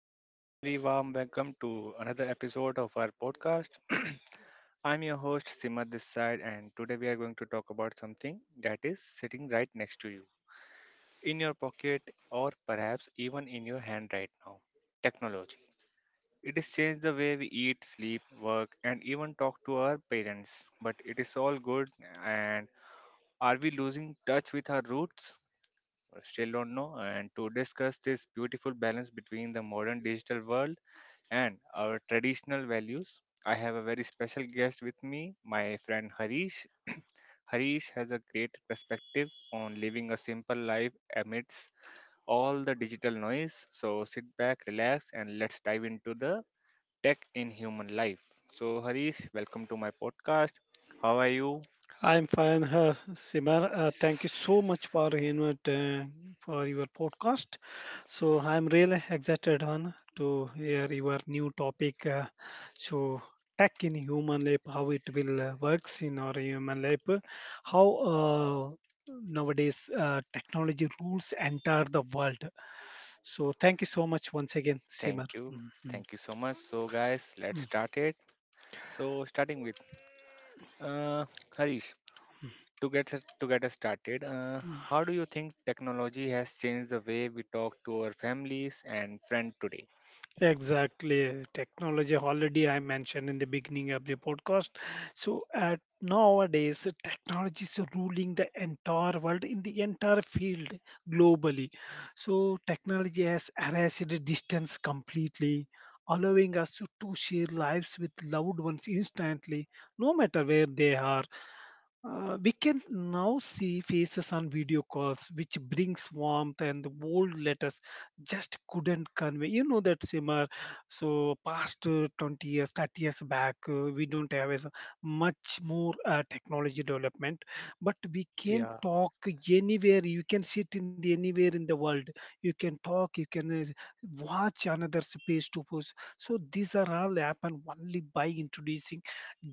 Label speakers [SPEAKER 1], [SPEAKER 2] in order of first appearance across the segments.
[SPEAKER 1] and a very warm welcome to another episode of our podcast. I'm your host Simar this side, and today we are going to talk about something that is sitting right next to you, in your pocket, or perhaps even in your hand right now technology. It has changed the way we eat, sleep, work, and even talk to our parents. But it is all good, and are we losing touch with our roots? Still don't know, and to discuss this beautiful balance between the modern digital world and our traditional values. I have a very special guest with me, my friend Harish. Harish has a great perspective on living a simple life amidst all the digital noise. So sit back, relax, and let's dive into the tech in human life. So, Harish, welcome to my podcast. How are you?
[SPEAKER 2] I'm fine, Simar. Thank you so much for invite, for your podcast. So I'm really excited on to hear your new topic. So tech in human life, how it will works in our human life, how uh, nowadays technology rules enter the world. So thank you so much once again, Simar.
[SPEAKER 1] Thank you.
[SPEAKER 2] Mhm.
[SPEAKER 1] Thank you so much. So, guys, let's
[SPEAKER 2] Mhm.
[SPEAKER 1] start it. So, starting with Uh, Harish, to get us started, how do you think technology has changed the way we talk to our families and friends today?
[SPEAKER 2] Exactly, technology already I mentioned in the beginning of the podcast. So at nowadays, technology is ruling the entire world in the entire field globally. So technology has erased the distance completely, allowing us to share lives with loved ones instantly, no matter where they are. We can now see faces on video calls, which brings warmth and the old letters just couldn't convey. You know that, Simar. So past 20 years, 30 years back, we don't have as much more technology development, but we can
[SPEAKER 1] Yeah.
[SPEAKER 2] talk anywhere. You can sit in the anywhere in the world. You can talk. You can watch another's face to face. So these are all happen only by introducing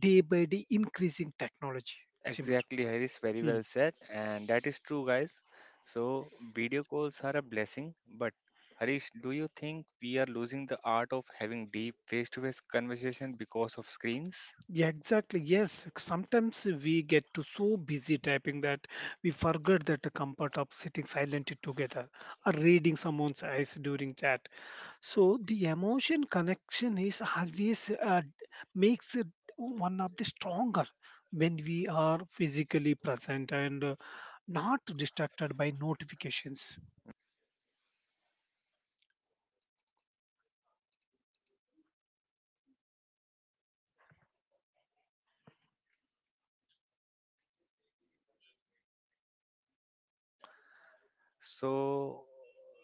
[SPEAKER 2] day by day increasing technology, Simar.
[SPEAKER 1] Exactly, Harish, very
[SPEAKER 2] Mm.
[SPEAKER 1] well said, and that is true, guys. So video calls are a blessing, but Harish, do you think we are losing the art of having deep face-to-face conversation because of screens?
[SPEAKER 2] Yeah, exactly. Yes, sometimes we get to so busy typing that we forget that the comfort of sitting silently together or reading someone's eyes during chat. So the emotion connection is always makes it one of the stronger when we are physically present and not distracted by notifications.
[SPEAKER 1] So,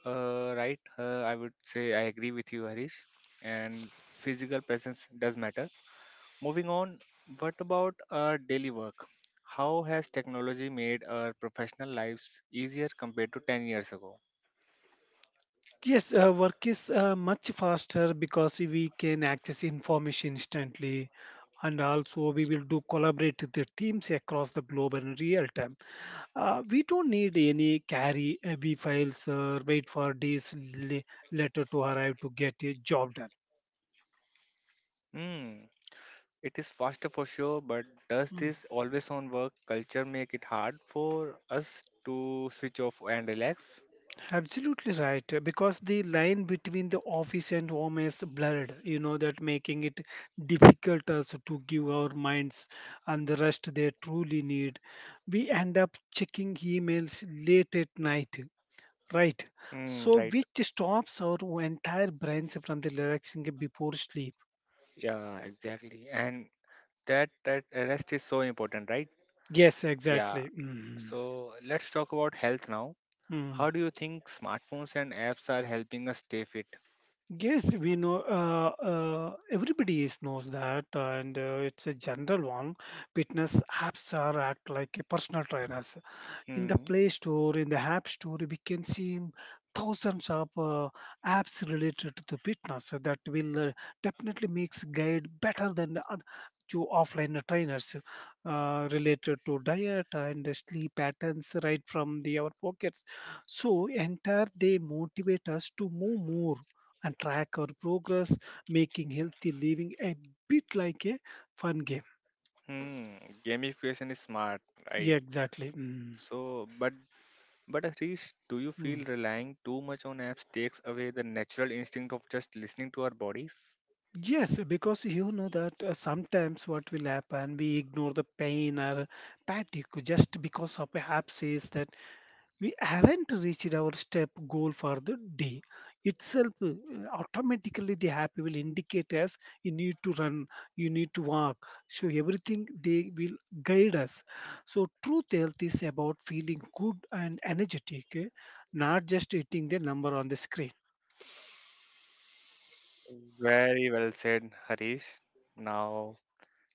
[SPEAKER 1] right, I would say I agree with you, Harish, and physical presence does matter. Moving on, what about our daily work? How has technology made our professional lives easier compared to 10 years ago?
[SPEAKER 2] Yes, work is much faster because we can access information instantly, and also we will do collaborate with the teams across the globe in real time. We don't need any carry heavy files or wait for days later to arrive to get a job done.
[SPEAKER 1] Hmm, it is faster for sure, but does
[SPEAKER 2] Mm,
[SPEAKER 1] this always on work culture make it hard for us to switch off and relax?
[SPEAKER 2] absolutely right, because the line between the office and home is blurred. You know that, making it difficult us to give our minds and the rest they truly need. We end up checking emails late at night. Right.
[SPEAKER 1] Hmm,
[SPEAKER 2] So,
[SPEAKER 1] right.
[SPEAKER 2] which stops our entire brains from the relaxing before sleep.
[SPEAKER 1] Yeah, exactly. And that rest is so important, right?
[SPEAKER 2] Yes,
[SPEAKER 1] Yeah.
[SPEAKER 2] exactly. Mhm.
[SPEAKER 1] So let's talk about health now.
[SPEAKER 2] Mm.
[SPEAKER 1] How do you think smartphones and apps are helping us stay fit?
[SPEAKER 2] Yes, we know. Everybody is knows that, and it's a general one. Fitness apps are act like a personal trainers. In the
[SPEAKER 1] Hmm.
[SPEAKER 2] Play Store, in the App Store, we can see thousands of apps related to the fitness. So that will definitely makes guide better than the to offline trainers related to diet and sleep patterns right from the our pockets. So entire they motivate us to move more and track our progress, making healthy living a bit like a fun game.
[SPEAKER 1] Hmm, gamification is smart,
[SPEAKER 2] Yeah,
[SPEAKER 1] right?
[SPEAKER 2] exactly.
[SPEAKER 1] So, but but Harish, do you
[SPEAKER 2] Mm.
[SPEAKER 1] feel relying too much on apps takes away the natural instinct of just listening to our bodies?
[SPEAKER 2] Yes, because you know that sometimes what will happen, we ignore the pain or fatigue just because of a abscess that we haven't reached our step goal for the day. Itself, automatically the happy will indicate us you need to run, you need to walk. So everything they will guide us. So truth health is about feeling good and energetic, not just hitting the number on the screen.
[SPEAKER 1] Very well said, Harish. Now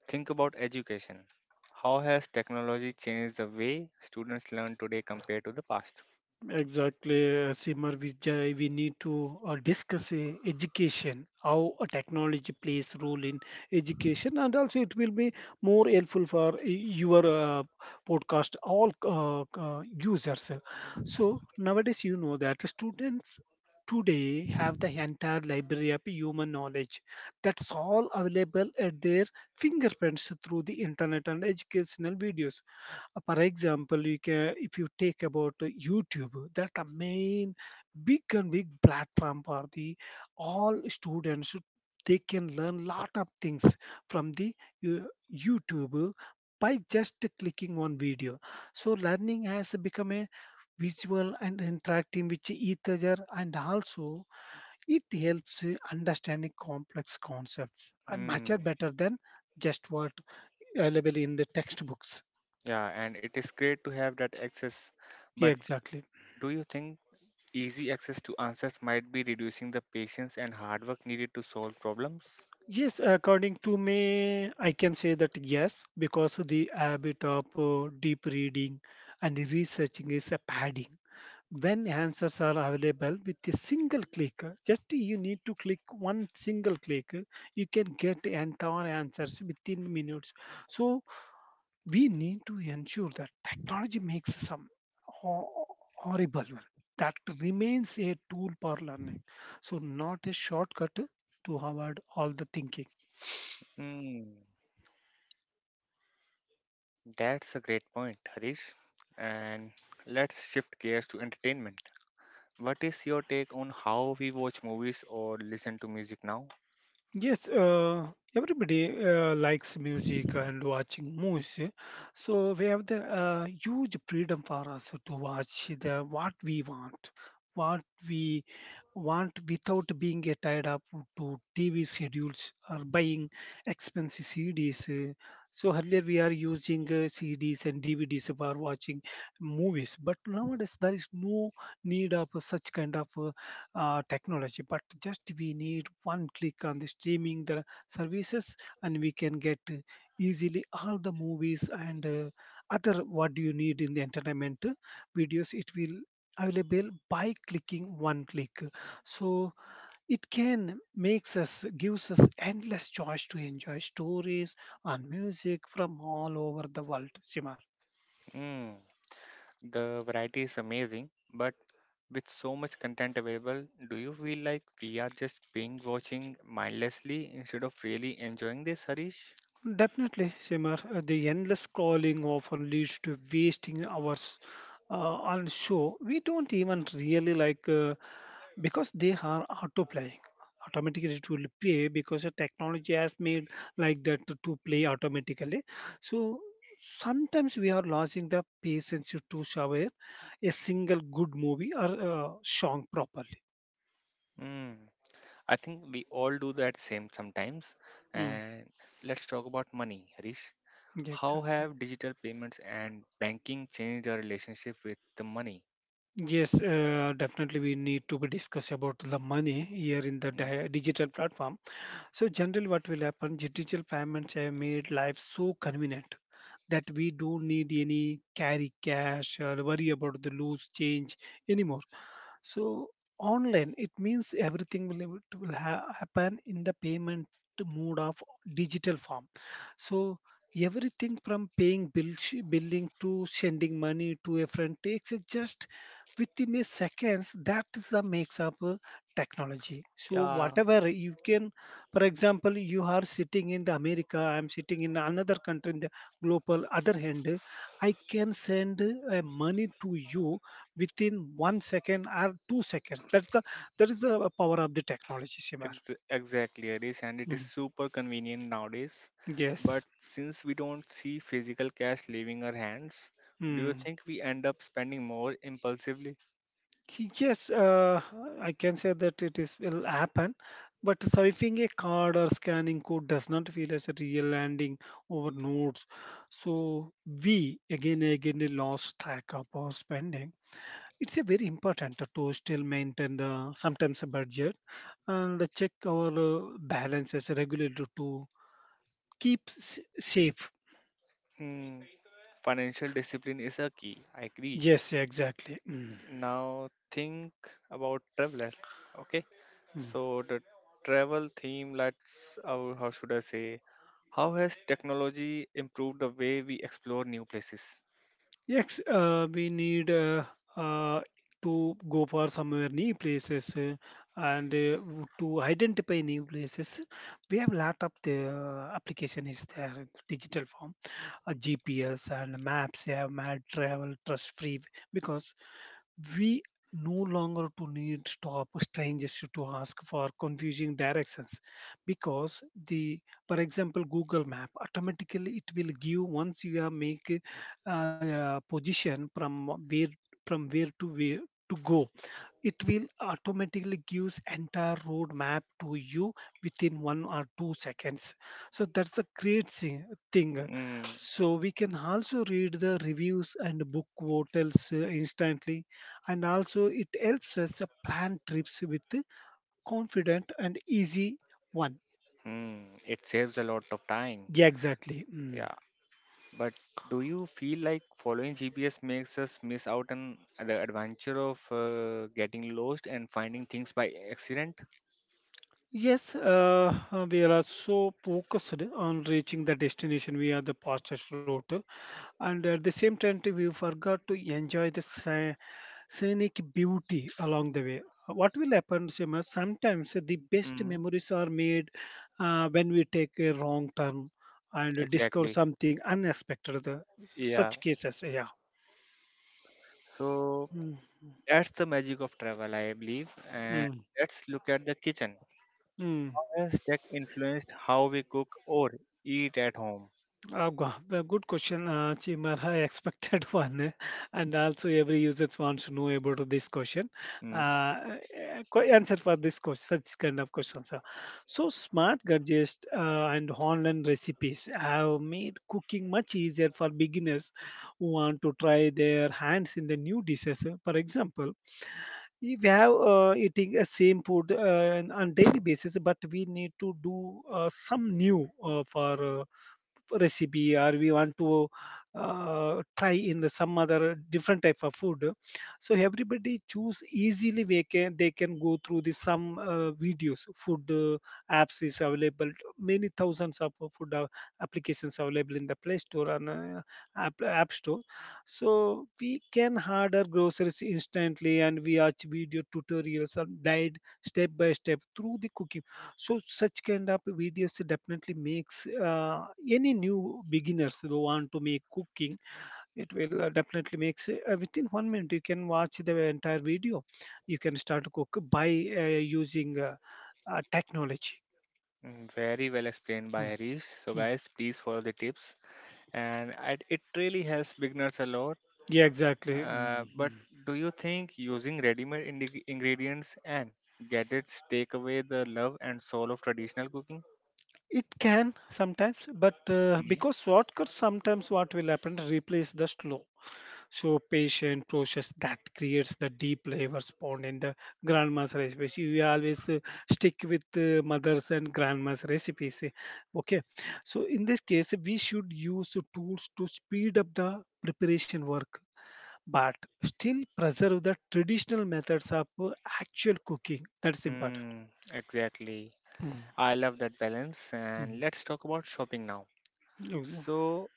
[SPEAKER 1] think about education. How has technology changed the way students learn today compared to the past?
[SPEAKER 2] Exactly, Simar Vijay. We need to discuss education, how a technology plays role in education, and also it will be more helpful for your podcast all users. So nowadays, you know that students today have the entire library of human knowledge that's all available at their fingerprints through the internet and educational videos. For example, you can if you take about YouTube, that's the main big and big platform for the all students. They can learn lot of things from the uh, YouTube by just clicking one video. So learning has become a visual and interacting with each other, and also it helps understanding complex concepts and much
[SPEAKER 1] Hmm.
[SPEAKER 2] are better than just what available in the textbooks.
[SPEAKER 1] Yeah, and it is great to have that access,
[SPEAKER 2] Yeah,
[SPEAKER 1] but
[SPEAKER 2] exactly.
[SPEAKER 1] do you think easy access to answers might be reducing the patience and hard work needed to solve problems?
[SPEAKER 2] Yes, according to me, I can say that yes, because the habit of deep reading and researching is a padding. When answers are available with a single click, just you need to click one single click, you can get the entire answers within minutes. So we need to ensure that technology makes some ho- horrible one that remains a tool for learning, so not a shortcut to avoid all the thinking.
[SPEAKER 1] Hmm, that's a great point, Harish. And let's shift gears to entertainment. What is your take on how we watch movies or listen to music now?
[SPEAKER 2] Yes, everybody likes music and watching movies. So we have the huge freedom for us to watch the what we want without being tied up to TV schedules or buying expensive CDs. So earlier we are using CDs and DVDs for watching movies, but nowadays there is no need of such kind of technology. But just we need one click on the streaming the services, and we can get easily all the movies and other what do you need in the entertainment videos. It will available by clicking one click. So it can makes us gives us endless choice to enjoy stories and music from all over the world, Simar.
[SPEAKER 1] Hmm, the variety is amazing, but with so much content available, do you feel like we are just being watching mindlessly instead of really enjoying this, Harish?
[SPEAKER 2] Definitely, Simar. The endless scrolling often leads to wasting hours on show we don't even really like because they are autoplaying. Automatically it will play because the technology has made like that to play automatically. So sometimes we are losing the patience to survey a single good movie or song properly.
[SPEAKER 1] Hmm. I think we all do that same sometimes.
[SPEAKER 2] Mm,
[SPEAKER 1] And let's talk about money, Harish.
[SPEAKER 2] yeah,
[SPEAKER 1] How
[SPEAKER 2] exactly.
[SPEAKER 1] have digital payments and banking changed our relationship with the money?
[SPEAKER 2] Yes, definitely we need to be discuss about the money here in the
[SPEAKER 1] Mm.
[SPEAKER 2] digital platform. So generally what will happen, digital payments have made life so convenient that we don't need any carry cash or worry about the loose change anymore. So online, it means everything will, will happen in the payment mode of digital form. So everything from paying bill, billing to sending money to a friend takes it just within a seconds. That is the makes up technology. So
[SPEAKER 1] Yeah,
[SPEAKER 2] whatever you can, for example, you are sitting in the America, I'm sitting in another country in the global other hand, I can send money to you within 1 second or 2 seconds. That's the that is the power of the technology, Shimar.
[SPEAKER 1] exactly, Harish, and it is
[SPEAKER 2] Mm.
[SPEAKER 1] super convenient nowadays. But
[SPEAKER 2] Yes.
[SPEAKER 1] since we don't see physical cash leaving our hands, do you
[SPEAKER 2] Mm.
[SPEAKER 1] think we end up spending more impulsively?
[SPEAKER 2] Yes, I can say that it is will happen, but swiping a card or scanning code does not feel as a real landing over nodes. So we again and again they lost track of our spending. It's a very important to still maintain the sometimes a budget and check our balances regularly to keep safe.
[SPEAKER 1] Hmm, financial discipline is a key. I agree.
[SPEAKER 2] Yes, exactly. Mm,
[SPEAKER 1] Now think about traveler. Okay,
[SPEAKER 2] mm.
[SPEAKER 1] so the travel theme, how should I say, how has technology improved the way we explore new places?
[SPEAKER 2] Yes, we need uh, to go for somewhere new places to identify new places. We have lot of the application is there in the digital form. GPS and maps have made travel trust free because we no longer to need stop strangers to ask for confusing directions. Because the, for example, Google Map automatically it will give once you are make position from where, from where to go, it will automatically gives entire roadmap to you within 1 or 2 seconds. So that's a great thing.
[SPEAKER 1] Mm,
[SPEAKER 2] So we can also read the reviews and book hotels instantly, and also it helps us plan trips with the confident and easy one.
[SPEAKER 1] hmm, it saves a lot of time.
[SPEAKER 2] Yeah, exactly. Mm.
[SPEAKER 1] Yeah, but do you feel like following GPS makes us miss out on the adventure of getting lost and finding things by accident?
[SPEAKER 2] Yes, we are so focused on reaching the destination via the fastest route, and at the same time too, we forgot to enjoy the scenic beauty along the way. What will happen, Seema, sometimes the best
[SPEAKER 1] Mm,
[SPEAKER 2] memories are made when we take a wrong turn and discover
[SPEAKER 1] exactly.
[SPEAKER 2] something unexpected.
[SPEAKER 1] Yeah.
[SPEAKER 2] Such cases, yeah.
[SPEAKER 1] So
[SPEAKER 2] Mm.
[SPEAKER 1] that's the magic of travel, I believe. And
[SPEAKER 2] Mm.
[SPEAKER 1] let's look at the kitchen.
[SPEAKER 2] Mm.
[SPEAKER 1] Has tech influenced how we cook or eat at home?
[SPEAKER 2] Well, good question, Chimar. I expected one, and also every user wants to know about this question.
[SPEAKER 1] Mm,
[SPEAKER 2] Uh, Answer for this question, such kind of questions. So, smart gadgets and online recipes have made cooking much easier for beginners who want to try their hands in the new dishes. Eh. For example, if we have eating a same food on daily basis, but we need to do some new for. Recipe or we want to try in the some other different type of food. So everybody choose easily, they can go through the some videos. Food apps is available, many thousands of food applications available in the Play Store and App Store. So we can order groceries instantly, and we watch video tutorials and guide step by step through the cooking. So such kind of videos definitely makes any new beginners who want to make cooking. It will definitely makes within 1 minute you can watch the entire video. You can start to cook by using technology.
[SPEAKER 1] mm, very well explained by
[SPEAKER 2] Mm,
[SPEAKER 1] Harish. So,
[SPEAKER 2] mm.
[SPEAKER 1] guys, please follow the tips, and it really helps beginners a lot.
[SPEAKER 2] Yeah, exactly. Mm,
[SPEAKER 1] But
[SPEAKER 2] mm.
[SPEAKER 1] do you think using ready-made ingredients and gadgets take away the love and soul of traditional cooking?
[SPEAKER 2] It can sometimes, but
[SPEAKER 1] Mm.
[SPEAKER 2] because shortcuts sometimes what will happen replace the slow, patient process that creates the deep flavors bond in the grandma's recipes. We always stick with mothers and grandma's recipes. Eh. Okay, so in this case, we should use the tools to speed up the preparation work, but still preserve the traditional methods of actual cooking. That's important.
[SPEAKER 1] Mm, exactly.
[SPEAKER 2] Mm,
[SPEAKER 1] I love that balance. And
[SPEAKER 2] mm.
[SPEAKER 1] let's talk about shopping now.
[SPEAKER 2] Yes.
[SPEAKER 1] So,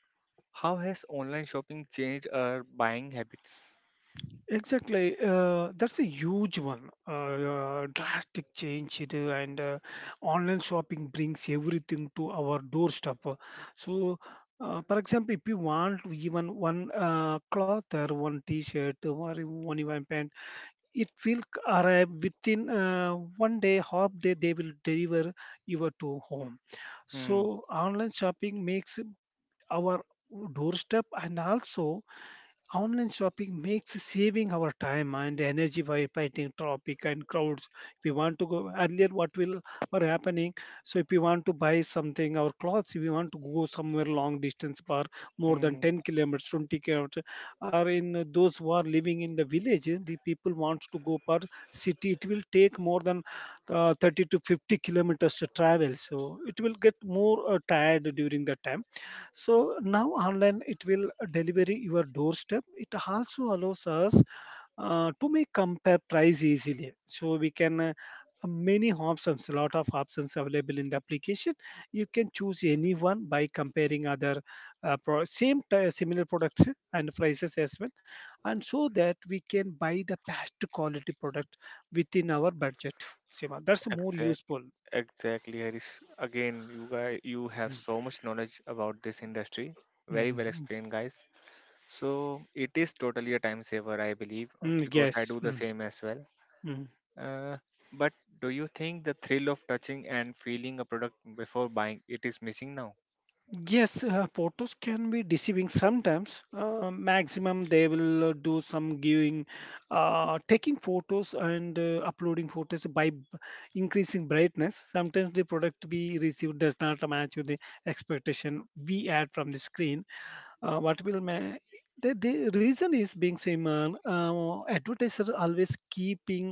[SPEAKER 1] how has online shopping changed our buying habits?
[SPEAKER 2] Exactly, that's a huge one. Drastic change, it, and online shopping brings everything to our doorstep. So, for example, if you want even one cloth or one T-shirt or one even pant, it will arrive within 1 day, half day. They will deliver you to home.
[SPEAKER 1] Hmm.
[SPEAKER 2] So, online shopping makes our doorstep and also online shopping makes saving our time and energy by fighting traffic and crowds. If we want to go earlier, what will or happening? So if we want to buy something, our clothes, if we want to go somewhere long distance for more than
[SPEAKER 1] Mm,
[SPEAKER 2] 10 kilometers, 20 kilometers, or in those who are living in the villages, the people wants to go per city. It will take more than 30 to 50 kilometers to travel. So it will get more tired during that time, so now online it will deliver your doorstep. It also allows us to make compare price easily. So we can many options, a lot of options available in the application. You can choose any one by comparing other similar products and prices as well, and so that we can buy the best quality product within our budget. Sima, that's more
[SPEAKER 1] exact,
[SPEAKER 2] useful.
[SPEAKER 1] exactly, Harish. Again, you guys, you have
[SPEAKER 2] Mm,
[SPEAKER 1] so much knowledge about this industry. Very well
[SPEAKER 2] mm,
[SPEAKER 1] explained, guys. So it is totally a time saver, I believe,
[SPEAKER 2] mm,
[SPEAKER 1] because I
[SPEAKER 2] yes.
[SPEAKER 1] do the
[SPEAKER 2] Mm,
[SPEAKER 1] same as well.
[SPEAKER 2] mm.
[SPEAKER 1] Uh, but do you think the thrill of touching and feeling a product before buying it is missing now?
[SPEAKER 2] Yes, photos can be deceiving sometimes. Maximum, they will do some giving, taking photos and uploading photos by increasing brightness. Sometimes the product we receive does not match with the expectation we had from the screen. Uh, what will ma- the the reason is being same. Advertisers always keeping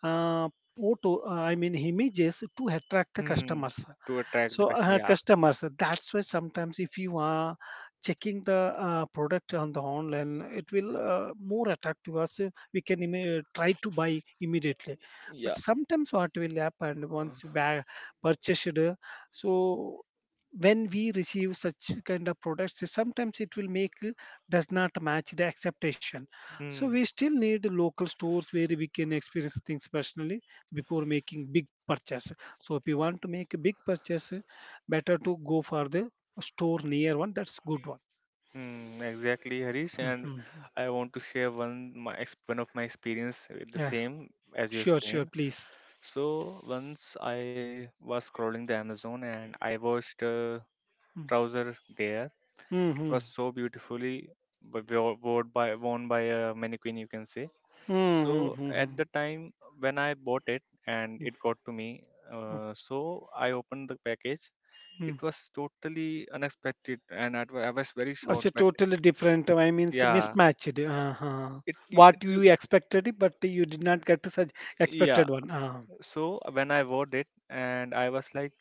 [SPEAKER 2] uh, I mean images to attract the
[SPEAKER 1] Hmm.
[SPEAKER 2] customers.
[SPEAKER 1] To attract the
[SPEAKER 2] So
[SPEAKER 1] customer, yeah.
[SPEAKER 2] customers, that's why sometimes if you are checking the product on the online, it will more attract to us. We can try to buy immediately. But sometimes what will happen once you buy, purchased, so when we receive such kind of products, sometimes it will make does not match the acceptation. So we
[SPEAKER 1] Hmm.
[SPEAKER 2] still need local stores where we can experience things personally before making big purchase. So if you want to make a big purchase, better to go for the store near one, that's good one.
[SPEAKER 1] Hmm. Exactly, Harish. And
[SPEAKER 2] Hmm.
[SPEAKER 1] I want to share one of my experience with the
[SPEAKER 2] Yeah,
[SPEAKER 1] same as you
[SPEAKER 2] sure, sure,
[SPEAKER 1] explained.
[SPEAKER 2] please.
[SPEAKER 1] So once I was scrolling the Amazon and I watched a
[SPEAKER 2] Mm-hmm.
[SPEAKER 1] trouser there. It was so beautifully worn by a mannequin, you can say. So
[SPEAKER 2] Mm-hmm.
[SPEAKER 1] at the time when I bought it and it got to me, so I opened the package.
[SPEAKER 2] Mm.
[SPEAKER 1] It was totally unexpected, and I was very
[SPEAKER 2] It's
[SPEAKER 1] shocked.
[SPEAKER 2] a
[SPEAKER 1] But
[SPEAKER 2] totally different, I mean, it's
[SPEAKER 1] yeah,
[SPEAKER 2] mismatched. Uh-huh. What
[SPEAKER 1] you
[SPEAKER 2] you expected, but you did not get such
[SPEAKER 1] yeah.
[SPEAKER 2] expected one. Uh-huh.
[SPEAKER 1] So when I bought it, and I was like,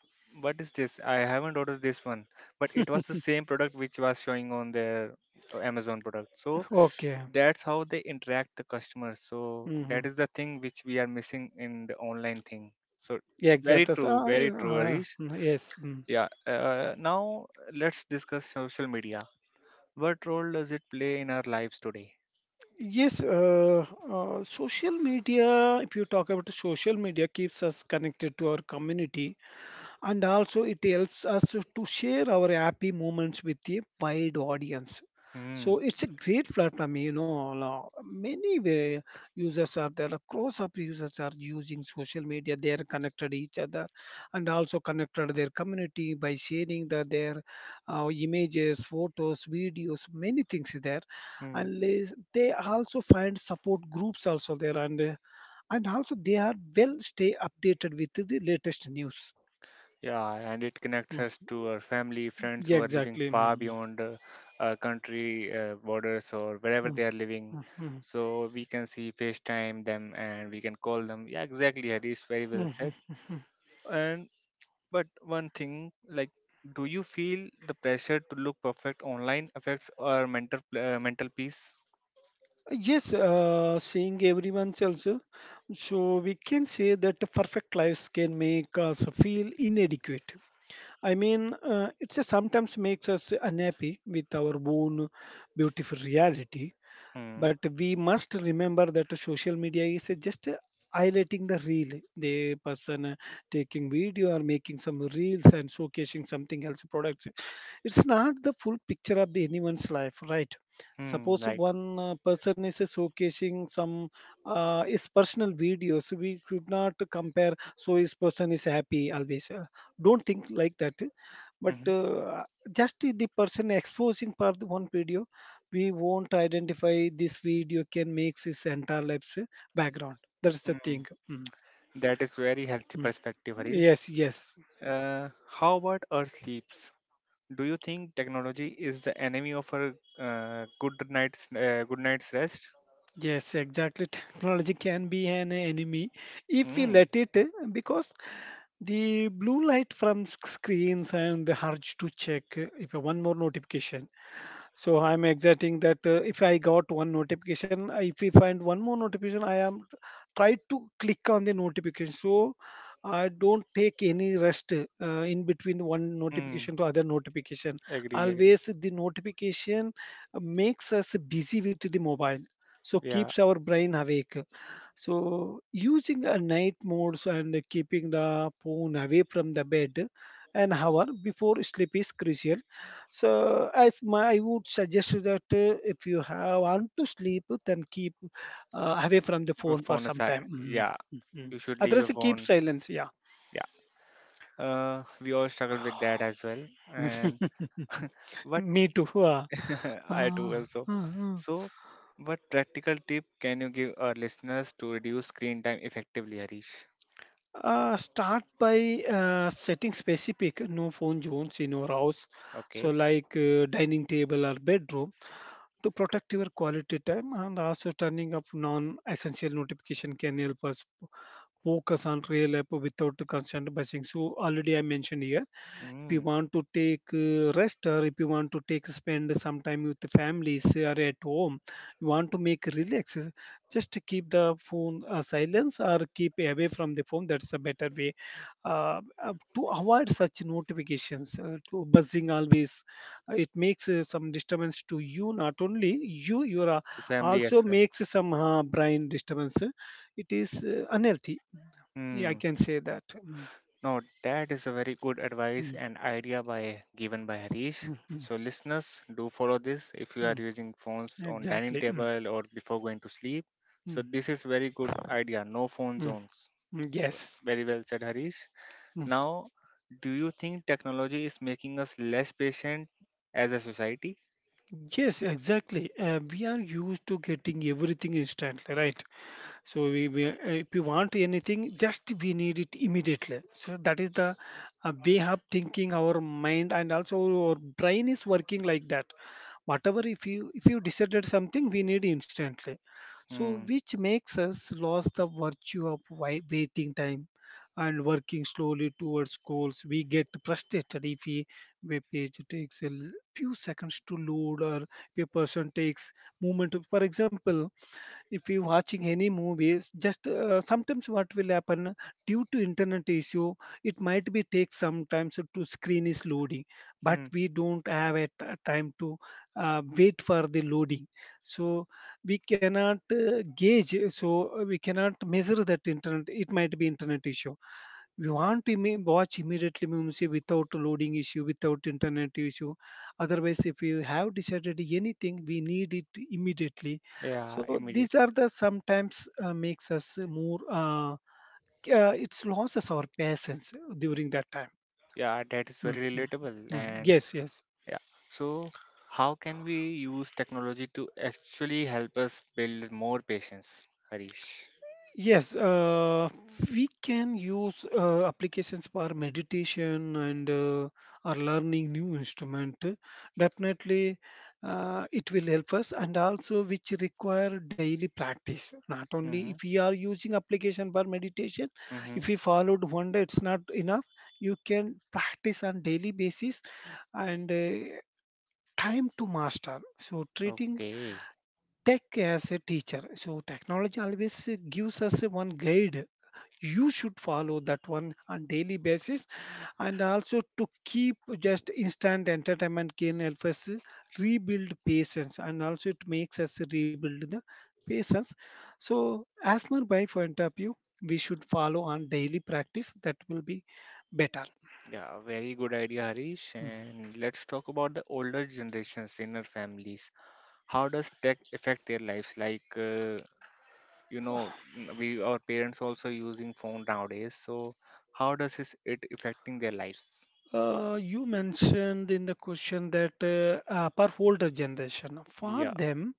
[SPEAKER 1] "What is this? I haven't ordered this one." But it was the same product which was showing on their Amazon product. So
[SPEAKER 2] Okay.
[SPEAKER 1] that's how they interact the customers. So
[SPEAKER 2] Mm-hmm.
[SPEAKER 1] that is the thing which we are missing in the online thing. So
[SPEAKER 2] Yeah, exactly. So,
[SPEAKER 1] very true, Arish.
[SPEAKER 2] yes. Mm.
[SPEAKER 1] Yeah. Now let's discuss social media. What role does it play in our lives today?
[SPEAKER 2] Yes, social media, if you talk about social media, keeps us connected to our community and also it helps us to share our happy moments with a wide audience, so
[SPEAKER 1] Hmm.
[SPEAKER 2] it's a great platform lo- Many way users are there, across of users are using social media, they are connected each other and also connected their community by sharing their images, photos, videos, many things there.
[SPEAKER 1] Hmm.
[SPEAKER 2] And they also find support groups also there, and and also they are well stay updated with the latest news.
[SPEAKER 1] Yeah, and it connects us
[SPEAKER 2] Hmm.
[SPEAKER 1] to our family, friends
[SPEAKER 2] Yeah,
[SPEAKER 1] who are living
[SPEAKER 2] exactly.
[SPEAKER 1] far
[SPEAKER 2] Mhm.
[SPEAKER 1] beyond our country borders or wherever
[SPEAKER 2] Mhm.
[SPEAKER 1] they are living.
[SPEAKER 2] Mhm.
[SPEAKER 1] So we can see FaceTime them and we can call them. Yeah, exactly, Harish. Very well said.
[SPEAKER 2] Mhm. Mhm.
[SPEAKER 1] And but one thing, like, do you feel the pressure to look perfect online affects our mental peace?
[SPEAKER 2] Yes, seeing everyone else. So we can say that the perfect lives can make us feel inadequate. I mean, it just sometimes makes us unhappy with our own beautiful reality.
[SPEAKER 1] Hmm.
[SPEAKER 2] But we must remember that social media is just highlighting the real, the person taking video or making some reels and showcasing something else products. It's not the full picture of the anyone's life, right?
[SPEAKER 1] Hmm.
[SPEAKER 2] Suppose
[SPEAKER 1] Right.
[SPEAKER 2] one person is showcasing some his personal videos, we could not compare, so his person is happy always. Don't think like that. but
[SPEAKER 1] Hmm.
[SPEAKER 2] uh, just the person exposing for the one video, we won't identify. This video can make his entire life's background. That's the
[SPEAKER 1] Hmm.
[SPEAKER 2] thing. Mm,
[SPEAKER 1] That is very healthy
[SPEAKER 2] mm.
[SPEAKER 1] perspective, Harish.
[SPEAKER 2] Yes, yes.
[SPEAKER 1] How about our sleep? Do you think technology is the enemy of a good night's rest?
[SPEAKER 2] Yes, exactly. Technology can be an enemy if we
[SPEAKER 1] Mm.
[SPEAKER 2] let it, because the blue light from screens and the urge to check if one more notification, so I'm exciting that if I got one notification, if we find one more notification, I try to click on the notification. So I don't take any rest in between one
[SPEAKER 1] Mm.
[SPEAKER 2] notification to other notification,
[SPEAKER 1] Agree, agree.
[SPEAKER 2] always the notification makes us busy with the mobile, so
[SPEAKER 1] Yeah,
[SPEAKER 2] keeps our brain awake. So using a night modes and keeping the phone away from the bed an hour before sleep is crucial. So as my, I would suggest you that if you have want to sleep, then keep away from the
[SPEAKER 1] a
[SPEAKER 2] phone for
[SPEAKER 1] phone
[SPEAKER 2] some
[SPEAKER 1] aside.
[SPEAKER 2] time. Mm,
[SPEAKER 1] Yeah,
[SPEAKER 2] mm, mm.
[SPEAKER 1] you should leave a
[SPEAKER 2] Otherwise, keep
[SPEAKER 1] phone.
[SPEAKER 2] silence. Yeah.
[SPEAKER 1] Yeah. We all struggle with that as well. And what
[SPEAKER 2] Me too.
[SPEAKER 1] I do
[SPEAKER 2] Uh,
[SPEAKER 1] also.
[SPEAKER 2] uh, uh.
[SPEAKER 1] So, what practical tip can you give our listeners to reduce screen time effectively, Harish?
[SPEAKER 2] Start by setting specific no phone zones in your house, so
[SPEAKER 1] Okay.
[SPEAKER 2] like dining table or bedroom, to protect your quality time. And also turning off non-essential notification can help us focus on real life without the constant buzzing. So already I mentioned here, if you
[SPEAKER 1] Mm.
[SPEAKER 2] want to take rest or if you want to take spend some time with the families or at home, you want to make relax, just keep the phone silence or keep away from the phone. That's a better way to avoid such notifications to buzzing always. It makes some disturbance to you, not only you, you are
[SPEAKER 1] To family as
[SPEAKER 2] also
[SPEAKER 1] well.
[SPEAKER 2] makes some brain disturbance. It is unhealthy, yeah, I
[SPEAKER 1] Hmm.
[SPEAKER 2] can say that.
[SPEAKER 1] No, that is a very good advice
[SPEAKER 2] Mm,
[SPEAKER 1] and idea by given by Harish.
[SPEAKER 2] mm, mm, mm,
[SPEAKER 1] So listeners, do follow this if you are
[SPEAKER 2] mm.
[SPEAKER 1] using phones on dining
[SPEAKER 2] Exactly. Mm,
[SPEAKER 1] table or before going to sleep.
[SPEAKER 2] mm,
[SPEAKER 1] So this is very good idea. No phone
[SPEAKER 2] mm,
[SPEAKER 1] zones.
[SPEAKER 2] mm. Yes.
[SPEAKER 1] Very well said, Harish.
[SPEAKER 2] Mm.
[SPEAKER 1] Now, do you think technology is making us less patient as a society?
[SPEAKER 2] Yes, exactly. We are used to getting everything instantly, right? So we if you want anything, just we need it immediately, so that is the way of thinking our mind, and also our brain is working like that. Whatever, if you decided something, we need instantly, so
[SPEAKER 1] Hmm.
[SPEAKER 2] which makes us lose the virtue of waiting time and working slowly towards goals. We get frustrated if a web page takes a few seconds to load, or if a person takes moment. For example, if you're watching any movies, just sometimes what will happen, due to internet issue, it might be take sometimes to screen is loading, but
[SPEAKER 1] Hmm.
[SPEAKER 2] we don't have a time to wait for the loading. So we cannot gauge, so we cannot measure that internet, it might be internet issue. We want to watch immediately means without loading issue, without internet issue. Otherwise, if you have decided anything, we need it immediately.
[SPEAKER 1] Yeah,
[SPEAKER 2] So these
[SPEAKER 1] immediately.
[SPEAKER 2] are the sometimes makes us more. It's loses our patience during that time.
[SPEAKER 1] Yeah, that is
[SPEAKER 2] Mm,
[SPEAKER 1] very
[SPEAKER 2] mm,
[SPEAKER 1] relatable,
[SPEAKER 2] mm.
[SPEAKER 1] and
[SPEAKER 2] Yes, yes.
[SPEAKER 1] yeah. So, how can we use technology to actually help us build more patience, Harish?
[SPEAKER 2] Yes, we can use applications for meditation and or learning new instrument. Definitely, it will help us, and also which require daily practice. Not only if
[SPEAKER 1] Mm-hmm.
[SPEAKER 2] we are using application for meditation,
[SPEAKER 1] Mm-hmm.
[SPEAKER 2] if we followed 1 day, it's not enough. You can practice on daily basis and. Time to master, so treating
[SPEAKER 1] Okay.
[SPEAKER 2] tech as a teacher, so technology always gives us one guide. You should follow that one on daily basis, and also to keep just instant entertainment can help us rebuild patience, and also it makes us rebuild the patience. So as per my point of view, we should follow on daily practice, that will be better.
[SPEAKER 1] Yeah, very good idea, Harish.
[SPEAKER 2] Mm.
[SPEAKER 1] And let's talk about the older generations in our families. How does tech affect their lives? Like, you know, we our parents also using phone nowadays. So, how does this, it affecting their lives?
[SPEAKER 2] You mentioned in the question that per older generation, for
[SPEAKER 1] Yeah.
[SPEAKER 2] them,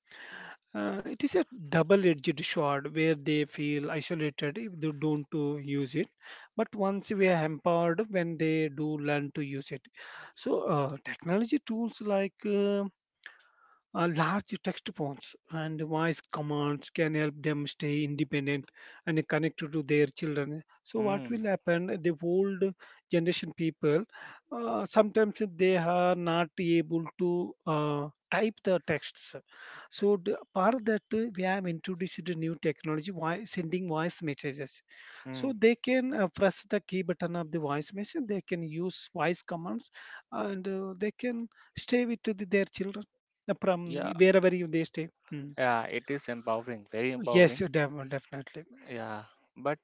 [SPEAKER 2] it is a double-edged sword where they feel isolated if they don't to use it. But once we are hampered when they do learn to use it, so technology tools like large text fonts and voice commands can help them stay independent and connected to their children. So, what will
[SPEAKER 1] Mm.
[SPEAKER 2] happen? The old generation people sometimes they are not able to type the texts. So, for that, we have introduced a new technology, why sending voice messages. So,
[SPEAKER 1] Mm.
[SPEAKER 2] they can press the key button of the voice message, they can use voice commands, and they can stay with their children from
[SPEAKER 1] Yeah.
[SPEAKER 2] wherever you they stay. Mm.
[SPEAKER 1] Yeah. It is empowering. Very
[SPEAKER 2] Yes, you
[SPEAKER 1] empowering.
[SPEAKER 2] definitely.
[SPEAKER 1] Yeah, but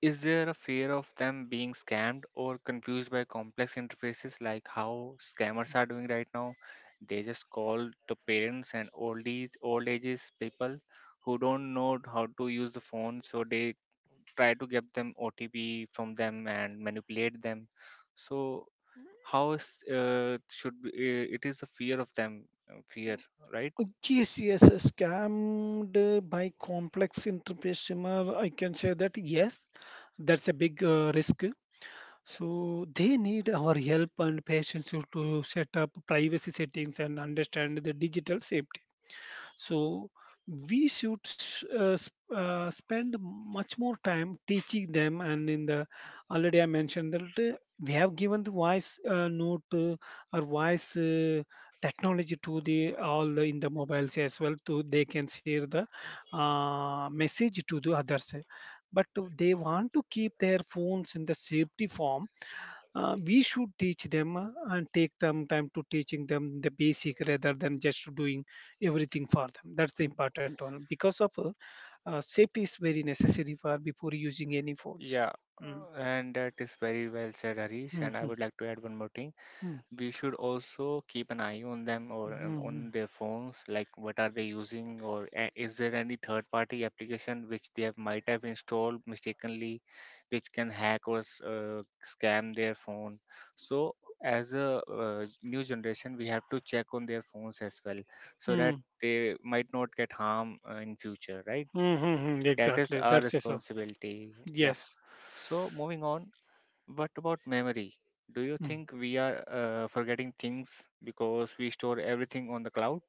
[SPEAKER 1] is there a fear of them being scammed or confused by complex interfaces like how scammers are doing right now? They just call the parents and old age old ages people who don't know how to use the phone, so they try to get them OTP from them and manipulate them. So how is, it is a fear of them, uh, fear, right?
[SPEAKER 2] Yes, yes, scammed by complex entrepreneur. I can say that yes, that's a big risk. So they need our help and patience to set up privacy settings and understand the digital safety. So we should spend much more time teaching them. And in the already I mentioned that we have given the voice note, or voice technology to the in the mobiles as well, to they can share the message to the others. But they want to keep their phones in the safety form, we should teach them and take them time to teaching them the basic rather than just doing everything for them. That's the important one, because of safety is very necessary for before using any phones.
[SPEAKER 1] Yeah,
[SPEAKER 2] Mm.
[SPEAKER 1] and that is very well said, Harish. And I
[SPEAKER 2] Mhm.
[SPEAKER 1] would like to add one more thing
[SPEAKER 2] Mm.
[SPEAKER 1] we should also keep an eye on them or
[SPEAKER 2] Mhm.
[SPEAKER 1] on their phones like what are they using or is there any third party application which might have installed mistakenly which can hack or scam their phone, so as a new generation we have to check on their phones as well so that
[SPEAKER 2] Mm.
[SPEAKER 1] they might not get harm in future, right?
[SPEAKER 2] Mhm.
[SPEAKER 1] That is
[SPEAKER 2] Exactly,
[SPEAKER 1] our
[SPEAKER 2] that's just so
[SPEAKER 1] responsibility, yeah.
[SPEAKER 2] yes.
[SPEAKER 1] So moving on, what about memory? Do you
[SPEAKER 2] Mm.
[SPEAKER 1] think we are forgetting things because we store everything on the cloud?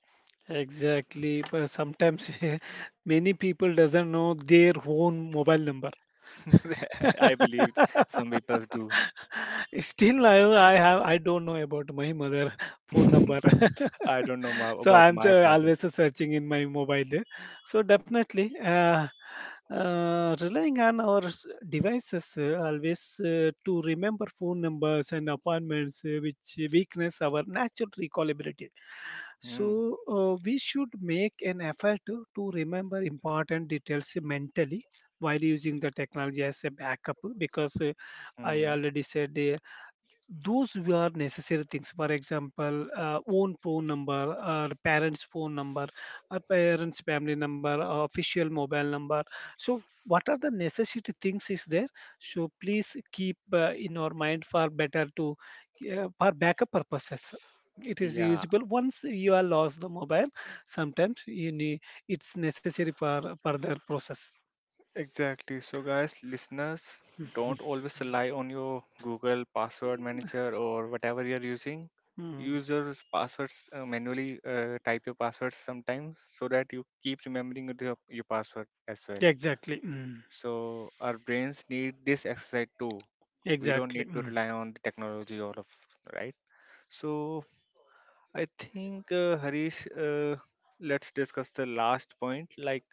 [SPEAKER 2] Exactly, but sometimes many people doesn't know their own mobile number.
[SPEAKER 1] I believe some people do.
[SPEAKER 2] Still, I have I don't know about my mother phone number.
[SPEAKER 1] I don't know
[SPEAKER 2] So
[SPEAKER 1] about
[SPEAKER 2] I'm
[SPEAKER 1] my father.
[SPEAKER 2] always searching in my mobile. So definitely, relying on our devices always to remember phone numbers and appointments, which weakness our natural recall ability.
[SPEAKER 1] Mm,
[SPEAKER 2] So we should make an effort to remember important details mentally while using the technology as a backup, because I
[SPEAKER 1] mm,
[SPEAKER 2] already said, those were necessary things, for example, own phone number or parents phone number or parents family number or official mobile number. So what are the necessary things is there, so please keep in our mind for better to for backup purposes. It is
[SPEAKER 1] yeah,
[SPEAKER 2] usable once you are lost the mobile, sometimes you need, it's necessary for further process.
[SPEAKER 1] exactly. So, guys, listeners, don't always rely on your Google password manager or whatever you're using.
[SPEAKER 2] Mm,
[SPEAKER 1] Use your passwords manually, type your passwords sometimes so that you keep remembering your password as well.
[SPEAKER 2] exactly. Mm,
[SPEAKER 1] So our brains need this exercise too. We don't
[SPEAKER 2] exactly.
[SPEAKER 1] need to
[SPEAKER 2] Mm.
[SPEAKER 1] rely on the technology all of right. So I think Harish, let's discuss the last point. Like,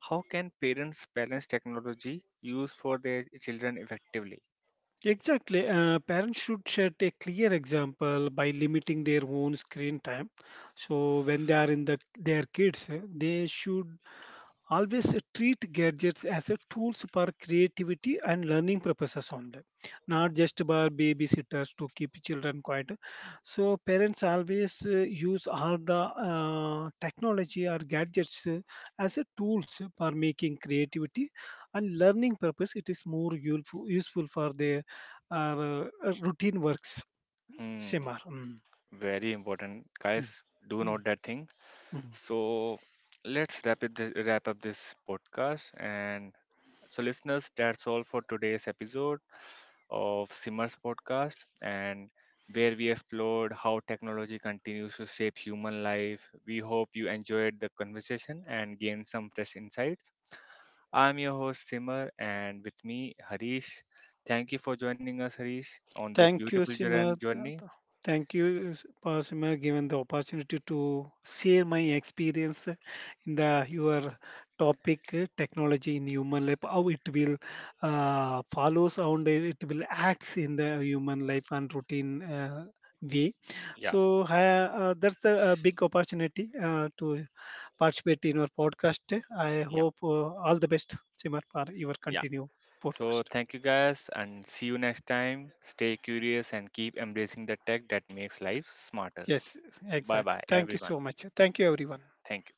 [SPEAKER 1] how can parents balance technology use for their children effectively?
[SPEAKER 2] Exactly. Parents should set a clear example by limiting their own screen time. So when they are in the their kids, they should always treat gadgets as a tools for creativity and learning purposes only, not just by babysitters to keep children quiet. So parents always use all the technology or gadgets as a tools for making creativity and learning purpose. It is more useful, useful for their uh, routine works,
[SPEAKER 1] Hmm,
[SPEAKER 2] Simar. Mm,
[SPEAKER 1] very important, guys. Do
[SPEAKER 2] mm,
[SPEAKER 1] note that thing.
[SPEAKER 2] mm, mm.
[SPEAKER 1] So let's wrap it. Wrap up this podcast. And so, listeners, that's all for today's episode of Simmer's podcast, and where we explored how technology continues to shape human life. We hope you enjoyed the conversation and gained some fresh insights. I'm your host Simmer, and with me Harish. Thank you for joining us, Harish, on this
[SPEAKER 2] Thank you,
[SPEAKER 1] beautiful
[SPEAKER 2] Simar.
[SPEAKER 1] journey.
[SPEAKER 2] Thank you, Sima, given the opportunity to share my experience in the your topic, technology in human life, how it will follows on, it will acts in the human life and routine way. So, that's a big opportunity to participate in your podcast. I hope all the best, Simar, for your continue
[SPEAKER 1] So,
[SPEAKER 2] podcast.
[SPEAKER 1] thank you guys, and see you next time. Stay curious and keep embracing the tech that makes life smarter.
[SPEAKER 2] Yes,
[SPEAKER 1] Bye
[SPEAKER 2] exactly.
[SPEAKER 1] bye,
[SPEAKER 2] Thank you
[SPEAKER 1] everyone.
[SPEAKER 2] so much. Thank you, everyone.
[SPEAKER 1] Thank you.